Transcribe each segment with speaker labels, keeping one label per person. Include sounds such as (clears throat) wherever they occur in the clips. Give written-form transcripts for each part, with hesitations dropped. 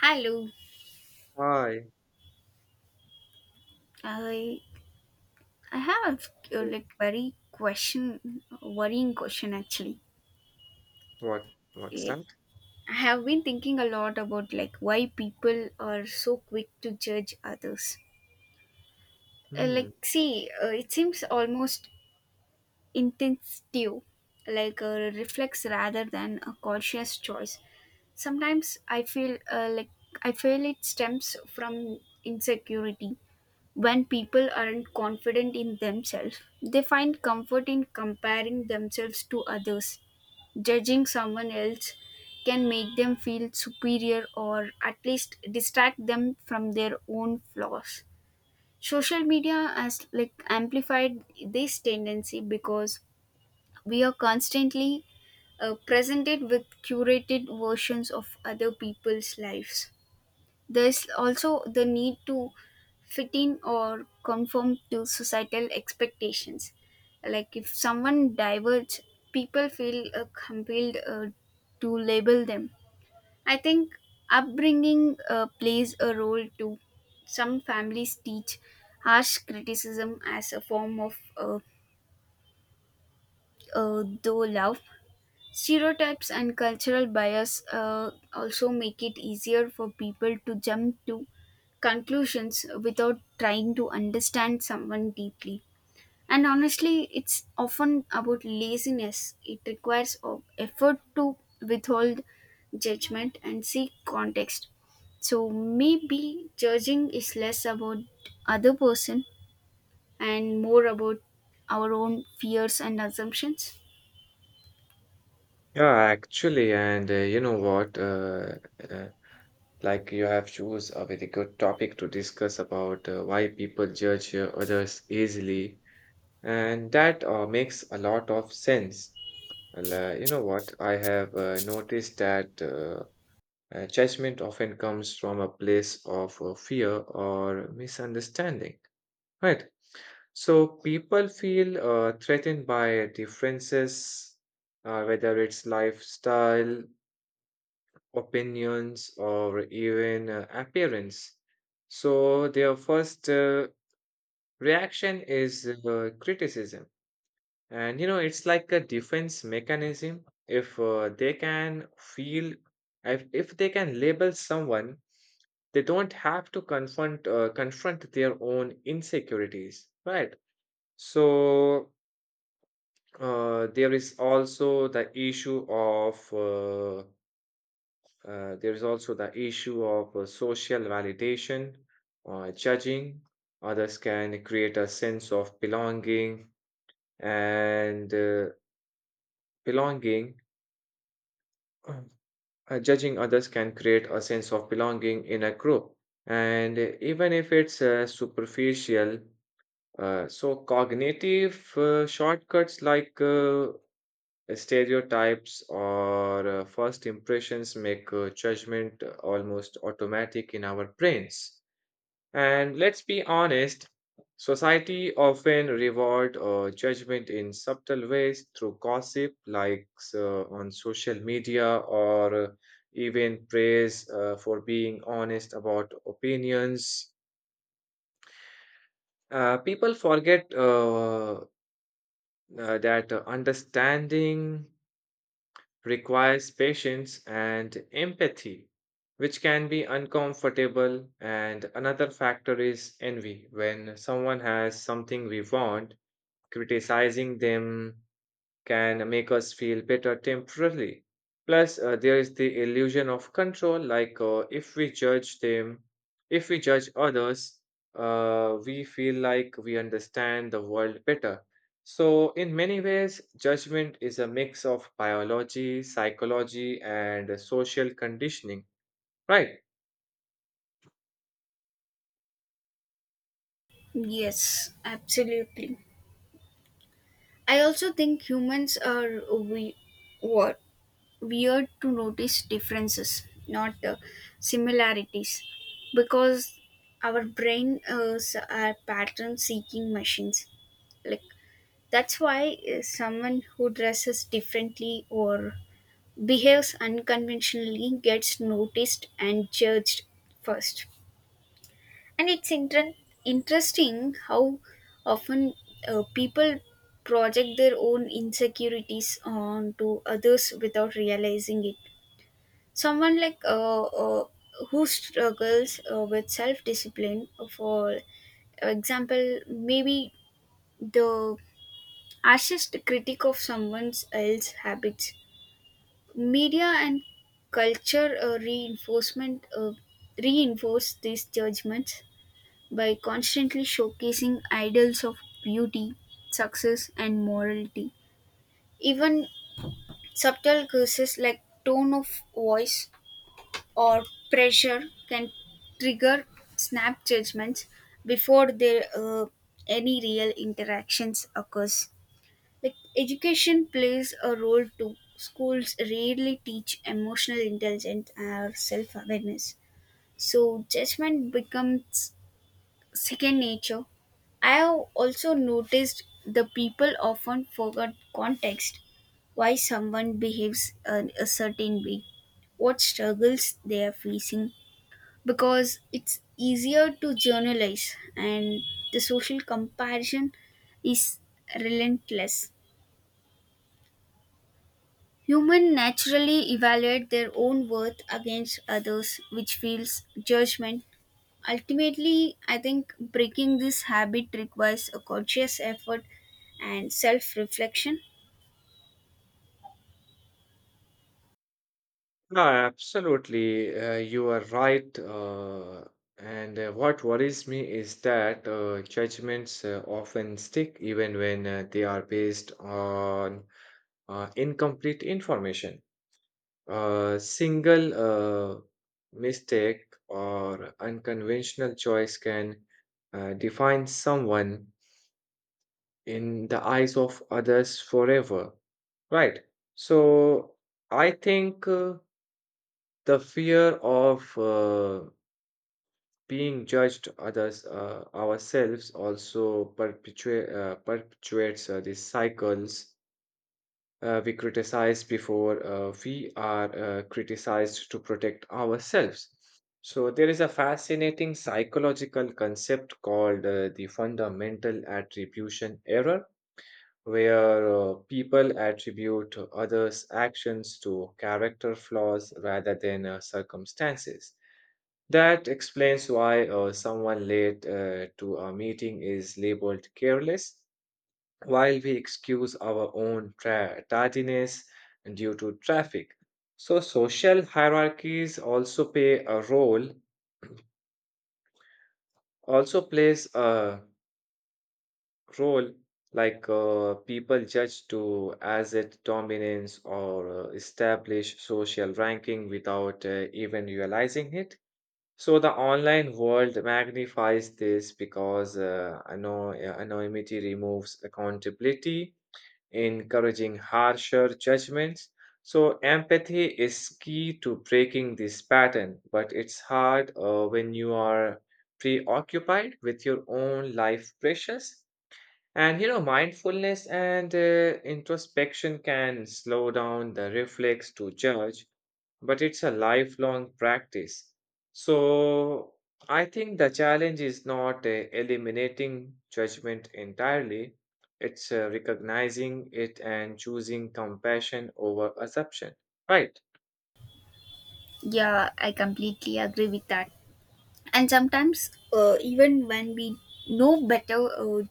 Speaker 1: Hello.
Speaker 2: Hi.
Speaker 1: I I have a
Speaker 2: Oh,
Speaker 1: very question, worrying question actually.
Speaker 2: what's
Speaker 1: Like
Speaker 2: that?
Speaker 1: I have been thinking a lot about why people are so quick to judge others.
Speaker 2: Hmm.
Speaker 1: It seems almost instinctive, like a reflex rather than a conscious choice. Sometimes I feel it stems from insecurity. When people aren't confident in themselves, they find comfort in comparing themselves to others. Judging someone else can make them feel superior or at least distract them from their own flaws. Social media has amplified this tendency because we are constantly presented with curated versions of other people's lives. There's also the need to fit in or conform to societal expectations. Like if someone diverges, people feel compelled to label them. I think upbringing plays a role too. Some families teach harsh criticism as a form of though love. Stereotypes and cultural bias also make it easier for people to jump to conclusions without trying to understand someone deeply. And honestly, it's often about laziness. It requires of effort to withhold judgment and seek context. So maybe judging is less about other person and more about our own fears and assumptions.
Speaker 2: Yeah, actually, and you know what? Uh, like you have chose a very good topic to discuss about why people judge others easily, and that makes a lot of sense. Well, you know what? I have noticed that judgment often comes from a place of fear or misunderstanding. Right. So people feel threatened by differences, whether it's lifestyle, opinions, or even appearance. So their first reaction is criticism. And you know, it's like a defense mechanism. If they can label someone, they don't have to confront their own insecurities, right? So there is also the issue of There is also the issue of social validation or judging. Others can create a sense of belonging and belonging. (clears throat) Judging others can create a sense of belonging in a group, and even if it's superficial. So cognitive shortcuts like stereotypes or first impressions make judgment almost automatic in our brains. And let's be honest, society often reward judgment in subtle ways through gossip, likes on social media, or even praise for being honest about opinions. People forget that understanding requires patience and empathy, which can be uncomfortable. And another factor is envy. When someone has something we want, criticizing them can make us feel better temporarily. Plus, there is the illusion of control. If we judge others, we feel like we understand the world better. So, in many ways, judgment is a mix of biology, psychology, and social conditioning, right?
Speaker 1: Yes, absolutely. I also think humans are we what weird to notice differences, not similarities, because our brain is a pattern-seeking machines. Like that's why someone who dresses differently or behaves unconventionally gets noticed and judged first, and it's interesting how often people project their own insecurities onto others without realizing it. Someone like who struggles with self discipline, for example, maybe the harshest critic of someone else's habits. Media and culture reinforce these judgments by constantly showcasing idols of beauty, success, and morality. Even subtle curses like tone of voice or pressure can trigger snap judgments before there any real interactions occurs. Like education plays a role too. Schools rarely teach emotional intelligence or self-awareness, so judgment becomes second nature. I have also noticed the people often forget context, why someone behaves a certain way, what struggles they are facing, because it's easier to generalize, and the social comparison is relentless. Humans naturally evaluate their own worth against others, which feels judgment. Ultimately, I think breaking this habit requires a conscious effort and self reflection.
Speaker 2: No, absolutely. You are right. And What worries me is that judgments often stick even when they are based on incomplete information. A single uh, mistake or unconventional choice can define someone in the eyes of others forever, right? So I think. The fear of being judged others ourselves also perpetuates these cycles. We criticize before we are criticized to protect ourselves. So there is a fascinating psychological concept called the fundamental attribution error, where people attribute others' actions to character flaws rather than circumstances. That explains why someone late to a meeting is labeled careless, while we excuse our own tardiness due to traffic. So social hierarchies also play a role, also plays a role like people judge to asset dominance or establish social ranking without even realizing it. So the online world magnifies this because anonymity removes accountability, encouraging harsher judgments. So empathy is key to breaking this pattern, but it's hard when you are preoccupied with your own life pressures. And you know, mindfulness and introspection can slow down the reflex to judge but it's a lifelong practice. So I think the challenge is not eliminating judgment entirely, it's recognizing it and choosing compassion over assumption. Right.
Speaker 1: Yeah, I completely agree with that. And sometimes, even when we know better, uh,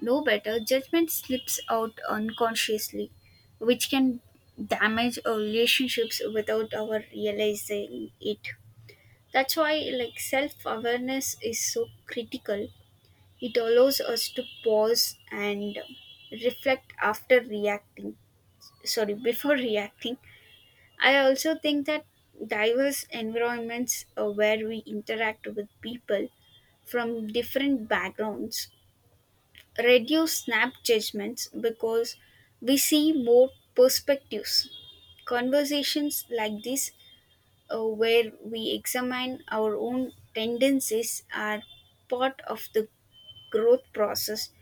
Speaker 1: know better, judgment slips out unconsciously, which can damage our relationships without our realizing it. That's why, like, self awareness is so critical. It allows us to pause and reflect after reacting. Sorry, before (laughs) reacting. I also think that diverse environments where we interact with people from different backgrounds reduce snap judgments because we see more perspectives. Conversations like this, where we examine our own tendencies, are part of the growth process,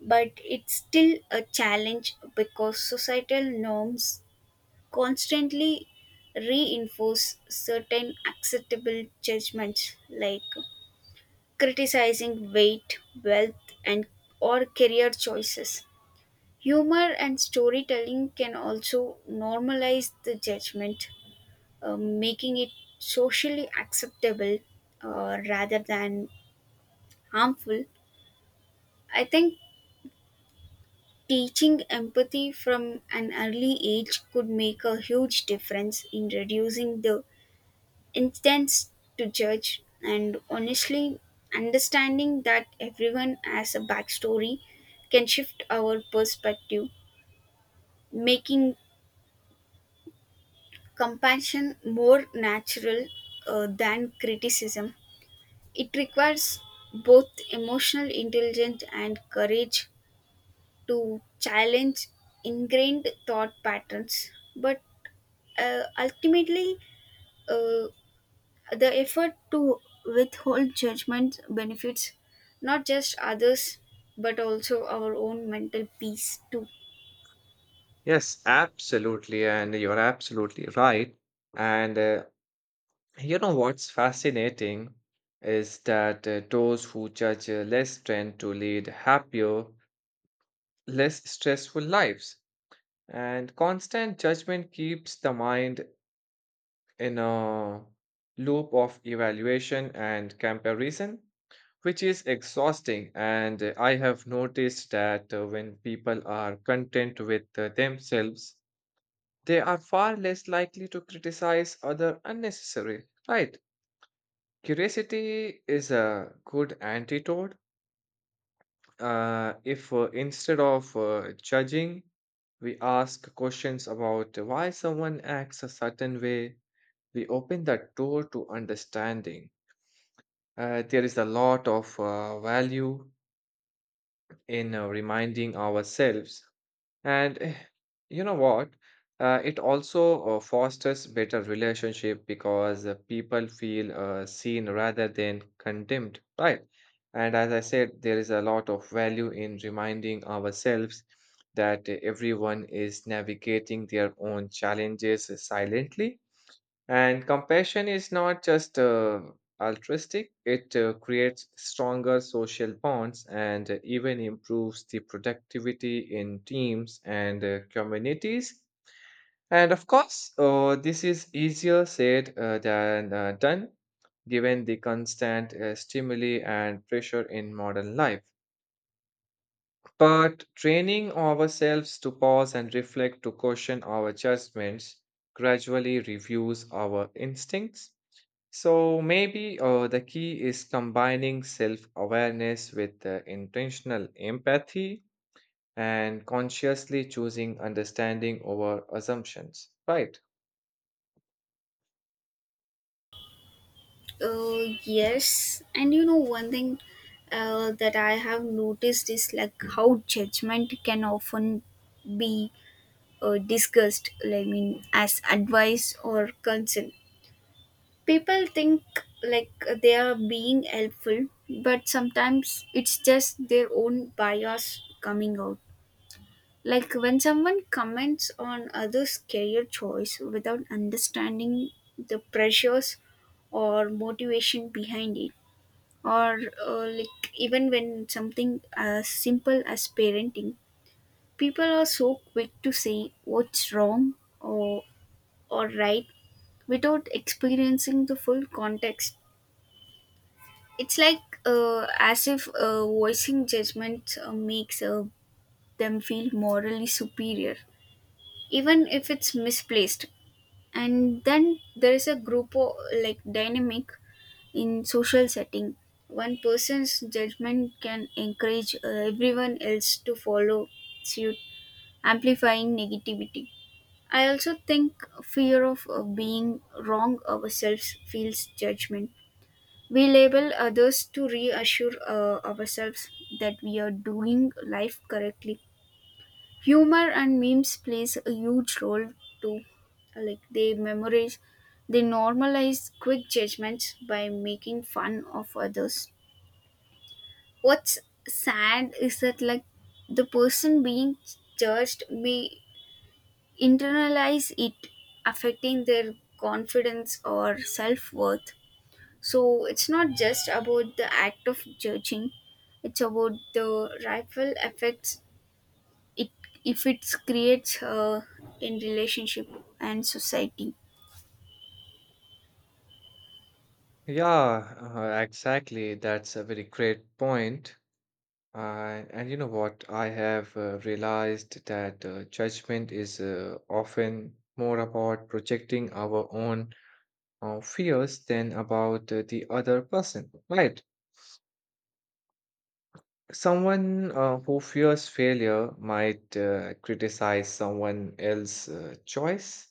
Speaker 1: but it's still a challenge because societal norms constantly reinforce certain acceptable judgments like criticizing weight, wealth, and or career choices. Humor and storytelling can also normalize the judgment, making it socially acceptable rather than harmful. I think teaching empathy from an early age could make a huge difference in reducing the instance to judge, and honestly, understanding that everyone has a backstory can shift our perspective, making compassion more natural than criticism. It requires both emotional intelligence and courage to challenge ingrained thought patterns. But ultimately, uh, the effort to withhold judgment benefits not just others but also our own mental peace too.
Speaker 2: Yes, absolutely. And you're absolutely right. And you know what's fascinating is that those who judge less tend to lead happier, less stressful lives. And constant judgment keeps the mind in a loop of evaluation and comparison, which is exhausting. And I have noticed that when people are content with themselves, they are far less likely to criticize other unnecessary. Right? Curiosity is a good antidote. If instead of judging, we ask questions about why someone acts a certain way. We open that door to understanding. There is a lot of value in reminding ourselves. And you know what? It also fosters better relationship because people feel seen rather than condemned, right? And as I said, there is a lot of value in reminding ourselves that everyone is navigating their own challenges silently and compassion is not just altruistic, it creates stronger social bonds and even improves the productivity in teams and communities. And of course, this is easier said than done given the constant stimuli and pressure in modern life. But training ourselves to pause and reflect to question our judgments gradually reviews our instincts, so maybe the key is combining self awareness with intentional empathy and consciously choosing understanding over assumptions, right?
Speaker 1: Yes, and you know, one thing that I have noticed is like how judgment can often be discussed, I mean, as advice or concern. People think like they are being helpful, but sometimes it's just their own bias coming out. Like when someone comments on others' career choice without understanding the pressures or motivation behind it, or like even when something as simple as parenting, people are so quick to say what's wrong or right without experiencing the full context. It's like, as if voicing judgment makes them feel morally superior, even if it's misplaced. And then there is a like dynamic in social setting. One person's judgment can encourage everyone else to follow suit, amplifying negativity. I also think fear of being wrong ourselves feels judgment. We label others to reassure ourselves that we are doing life correctly. Humor and memes plays a huge role too. Like they memorize, they normalize quick judgments by making fun of others. What's sad is that the person being judged may internalize it, affecting their confidence or self worth. So it's not just about the act of judging, it's about the ripple effects it if it creates in relationship and society.
Speaker 2: Yeah, exactly. That's a very great point. And you know what? I have realized that judgment is often more about projecting our own fears than about the other person, right? Someone who fears failure might criticize someone else's choice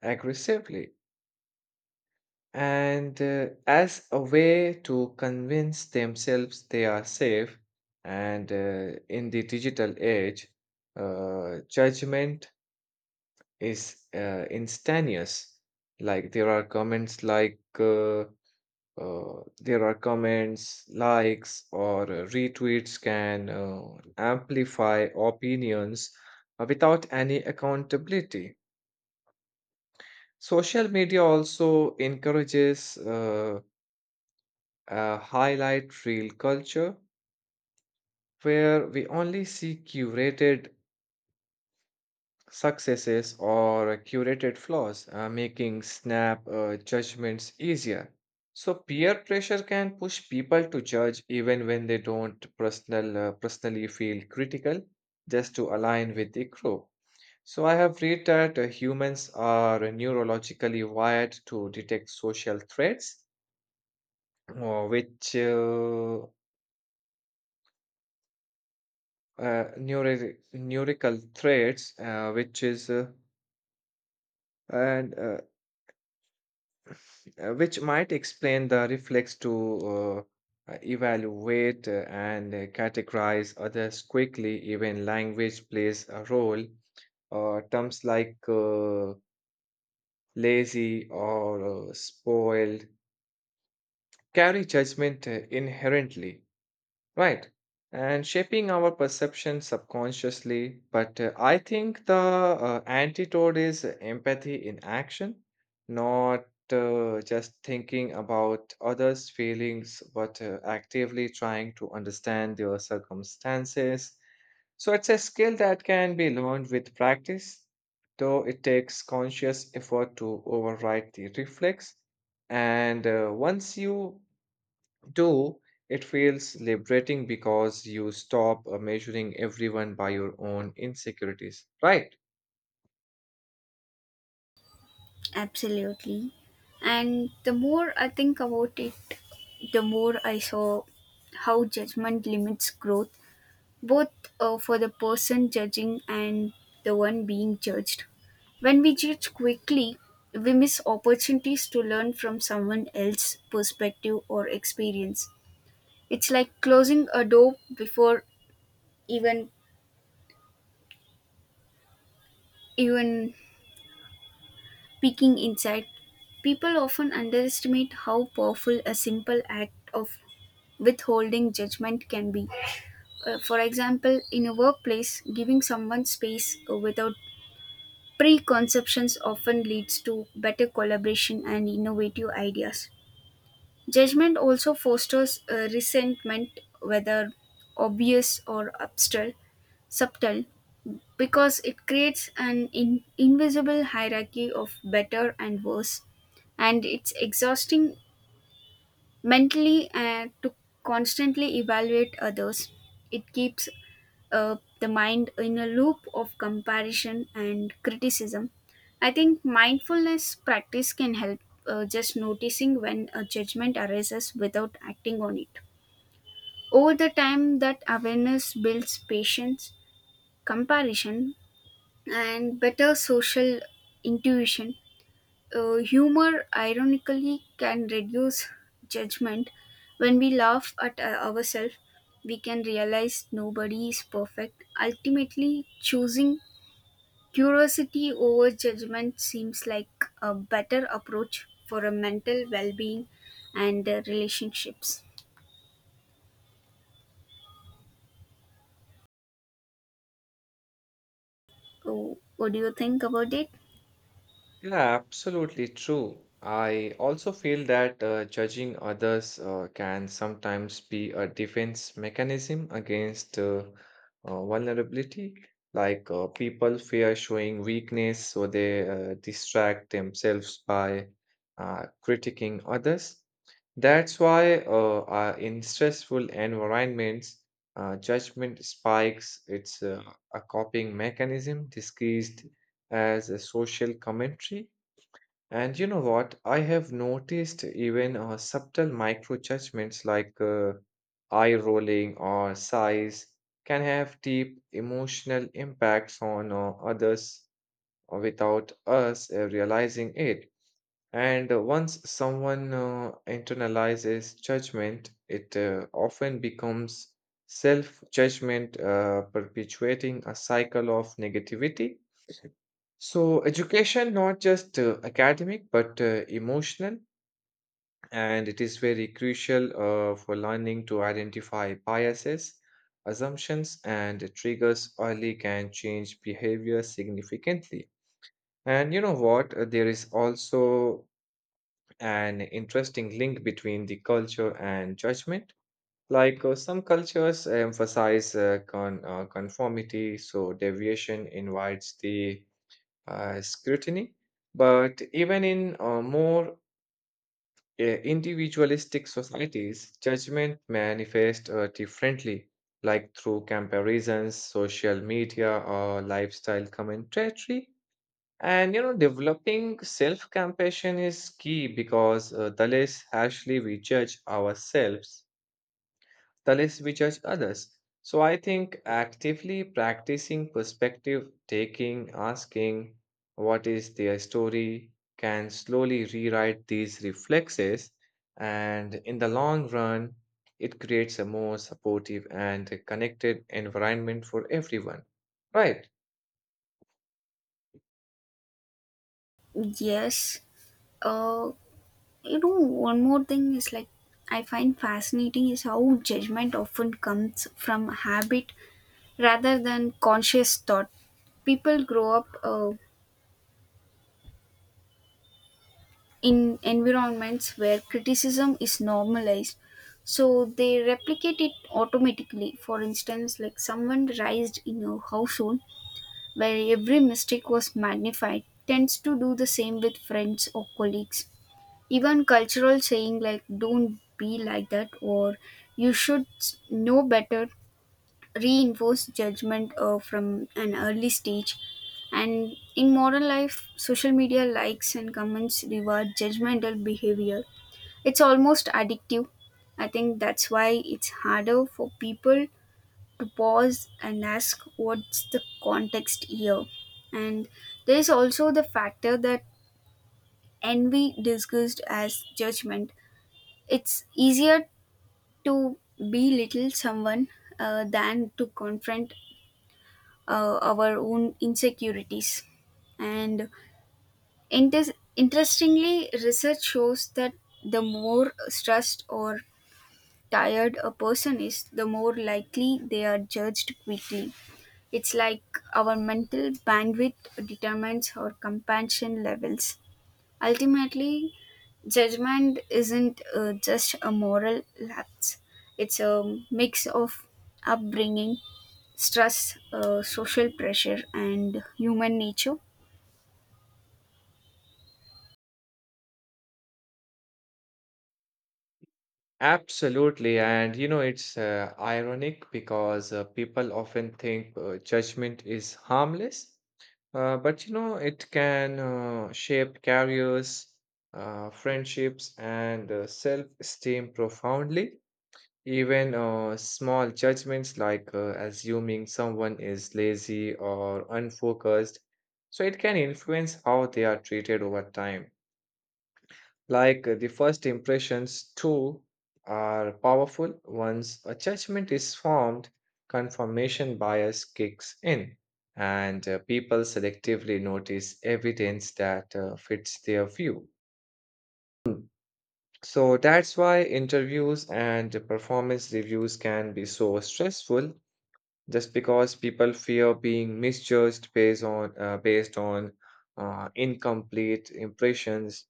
Speaker 2: aggressively and as a way to convince themselves they are safe. And in the digital age, judgment is instantaneous. Like there are comments like, uh, there are comments, likes, or retweets can amplify opinions without any accountability. Social media also encourages a highlight reel culture where we only see curated successes or curated flaws, making snap judgments easier. So peer pressure can push people to judge even when they don't personally feel critical, just to align with the group. So I have read that humans are neurologically wired to detect social threats, which neuro- neurical threats, which is and which might explain the reflex to evaluate and categorize others quickly. Even language plays a role. Terms like lazy or spoiled carry judgment inherently. Right. And shaping our perception subconsciously. But I think the antidote is empathy in action, not just thinking about others' feelings, but actively trying to understand their circumstances. So it's a skill that can be learned with practice, though it takes conscious effort to override the reflex. And once you Though it feels liberating because you stop measuring everyone by your own insecurities. Right.
Speaker 1: Absolutely. And the more I think about it, the more I saw how judgment limits growth, both for the person judging and the one being judged. When we judge quickly, we miss opportunities to learn from someone else's perspective or experience. It's like closing a door before even even peeking inside. People often underestimate how powerful a simple act of withholding judgment can be. For example, in a workplace, giving someone space without preconceptions often leads to better collaboration and innovative ideas. Judgment also fosters resentment, whether obvious or subtle, because it creates an invisible hierarchy of better and worse, and it's exhausting mentally to constantly evaluate others. It keeps the mind in a loop of comparison and criticism. I think mindfulness practice can help, just noticing when a judgment arises without acting on it. Over the time, that awareness builds patience, comparison, and better social intuition. Humor, ironically, can reduce judgment. When we laugh at ourselves, we can realize nobody is perfect. Ultimately, choosing curiosity over judgment seems like a better approach for a mental well being and relationships. Oh, what do you think about it?
Speaker 2: Yeah, absolutely true. I also feel that judging others can sometimes be a defense mechanism against vulnerability. Like people fear showing weakness, so they distract themselves by critiquing others. That's why in stressful environments, judgment spikes. It's a coping mechanism disguised as a social commentary. And you know what? I have noticed even subtle micro judgments like eye rolling or size can have deep emotional impacts on others without us realizing it. And once someone internalizes judgment, it often becomes self judgment, perpetuating a cycle of negativity. So, education, not just academic, but emotional, and it is very crucial for learning to identify biases, assumptions, and triggers early can change behavior significantly. And you know what? There is also an interesting link between the culture and judgment. Like some cultures emphasize conformity, so deviation invites the scrutiny. But even in more individualistic societies, judgment manifests differently, like through comparisons, social media, or lifestyle commentary. And you know, developing self compassion is key because the less harshly we judge ourselves, the less we judge others. So I think actively practicing perspective taking, asking what is their story, can slowly rewrite these reflexes. And in the long run, it creates a more supportive and connected environment for everyone. Right.
Speaker 1: Yes. Uh, You know, one more thing is like I find fascinating is how judgment often comes from habit rather than conscious thought. People grow up in environments where criticism is normalized, so they replicate it automatically. For instance, like someone raised in a household where every mistake was magnified tends to do the same with friends or colleagues. Even cultural saying like "don't be like that" or "you should know better" reinforce judgment from an early stage. And in modern life, social media likes and comments reward judgmental behavior. It's almost addictive. I think that's why it's harder for people to pause and ask what's the context here. And there is also the factor that envy disguised as judgment, it's easier to belittle someone than to confront our own insecurities. And interestingly, research shows that the more stressed or tired a person is, the more likely they are judged quickly. It's like our mental bandwidth determines our compassion levels. Ultimately, judgment isn't just a moral lapse, it's a mix of upbringing, stress, social pressure, and human nature.
Speaker 2: Absolutely. And you know, it's ironic because people often think judgment is harmless, but you know, it can shape careers, friendships, and self-esteem profoundly. Even small judgments like assuming someone is lazy or unfocused, so it can influence how they are treated over time. Like the first impressions, too, are powerful. Once a judgment is formed, confirmation bias kicks in, and people selectively notice evidence that fits their view. Mm. So that's why interviews and performance reviews can be so stressful, just because people fear being misjudged based on incomplete impressions.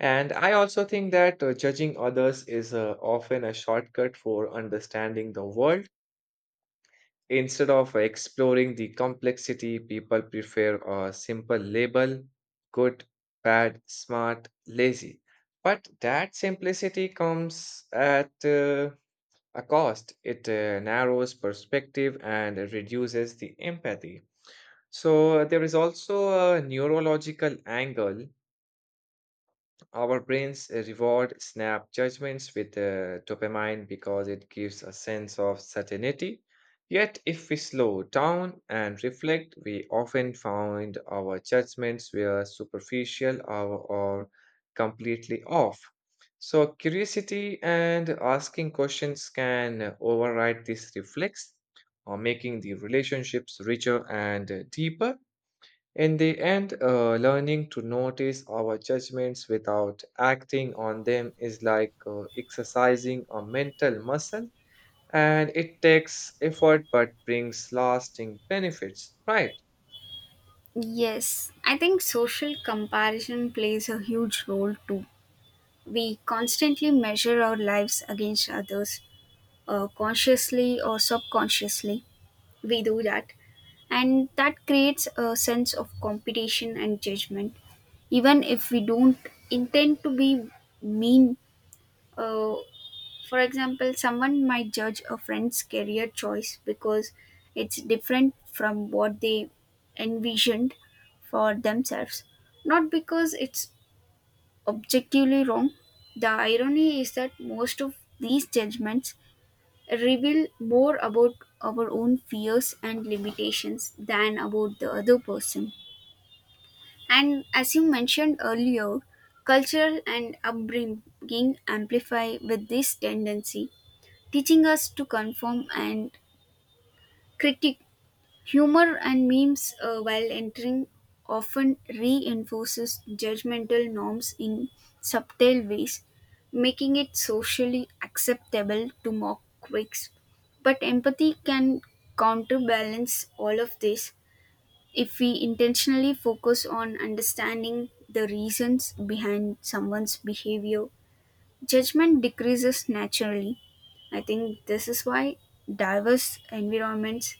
Speaker 2: And I also think that judging others is often a shortcut for understanding the world. Instead of exploring the complexity, people prefer a simple label: good, bad, smart, lazy. But that simplicity comes at a cost. It narrows perspective and reduces the empathy. So, there is also a neurological angle. Our brains reward snap judgments with dopamine because it gives a sense of certainty. Yet, if we slow down and reflect, we often find our judgments were superficial or completely off. So, curiosity and asking questions can override this reflex, making the relationships richer and deeper. In the end, learning to notice our judgments without acting on them is like exercising a mental muscle, and it takes effort but brings lasting benefits. Right?
Speaker 1: Yes, I think social comparison plays a huge role too. We constantly measure our lives against others, consciously or subconsciously. We do that, and that creates a sense of competition and judgment, even if we don't intend to be mean. uh, for example, someone might judge a friend's career choice because it's different from what they envisioned for themselves, not because it's objectively wrong. The irony is that most of these judgments reveal more about our own fears and limitations than about the other person. And as you mentioned earlier, cultural and upbringing amplify with this tendency, teaching us to conform and critique. Humor and memes, while entering, often reinforces judgmental norms in subtle ways, making it socially acceptable to mock quakes. But empathy can counterbalance all of this. If we intentionally focus on understanding the reasons behind someone's behavior, judgment decreases naturally. I think this is why diverse environments,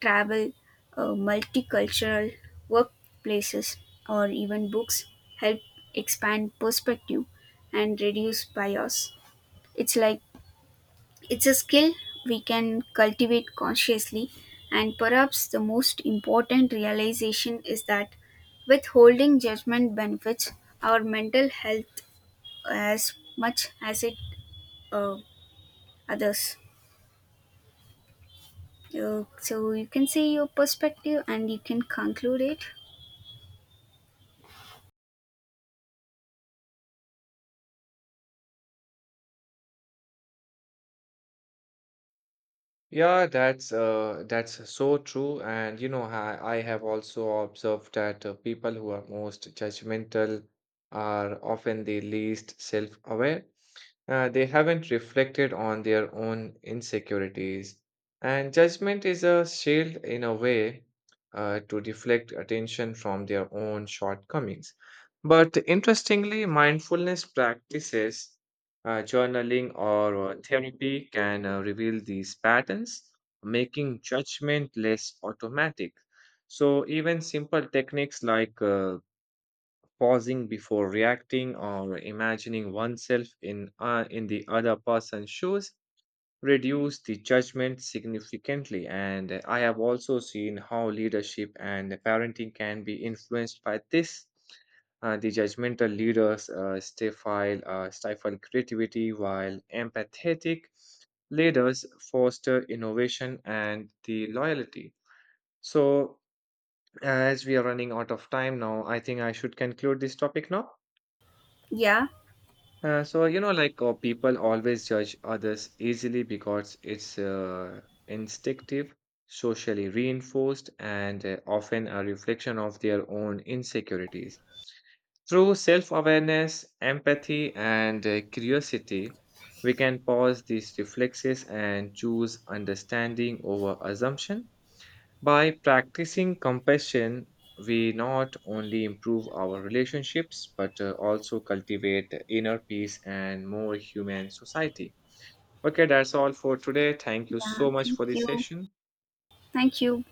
Speaker 1: travel, multicultural workplaces, or even books help expand perspective and reduce bias. It's like it's a skill we can cultivate consciously, and perhaps the most important realization is that withholding judgment benefits our mental health as much as it uh, others. So you can say your perspective and you can conclude it.
Speaker 2: Yeah, that's so true. And you know, I have also observed that people who are most judgmental are often the least self-aware. They haven't reflected on their own insecurities. And judgment is a shield in a way to deflect attention from their own shortcomings. But interestingly, mindfulness practices, journaling, or therapy can reveal these patterns, making judgment less automatic. So, even simple techniques like pausing before reacting or imagining oneself in the other person's shoes reduce the judgment significantly. And I have also seen how leadership and parenting can be influenced by this. The judgmental leaders stifle creativity while empathetic leaders foster innovation and the loyalty. So, as we are running out of time now, I think I should conclude this topic now.
Speaker 1: Yeah.
Speaker 2: So you know, like people always judge others easily because it's instinctive, socially reinforced, and often a reflection of their own insecurities. Through self-awareness, empathy, and curiosity, we can pause these reflexes and choose understanding over assumption. By practicing compassion, we not only improve our relationships but also cultivate inner peace and more human society. Okay, that's all for today. Thank you
Speaker 1: Yeah,
Speaker 2: so much
Speaker 1: thank
Speaker 2: for this
Speaker 1: you.
Speaker 2: session.
Speaker 1: Thank you.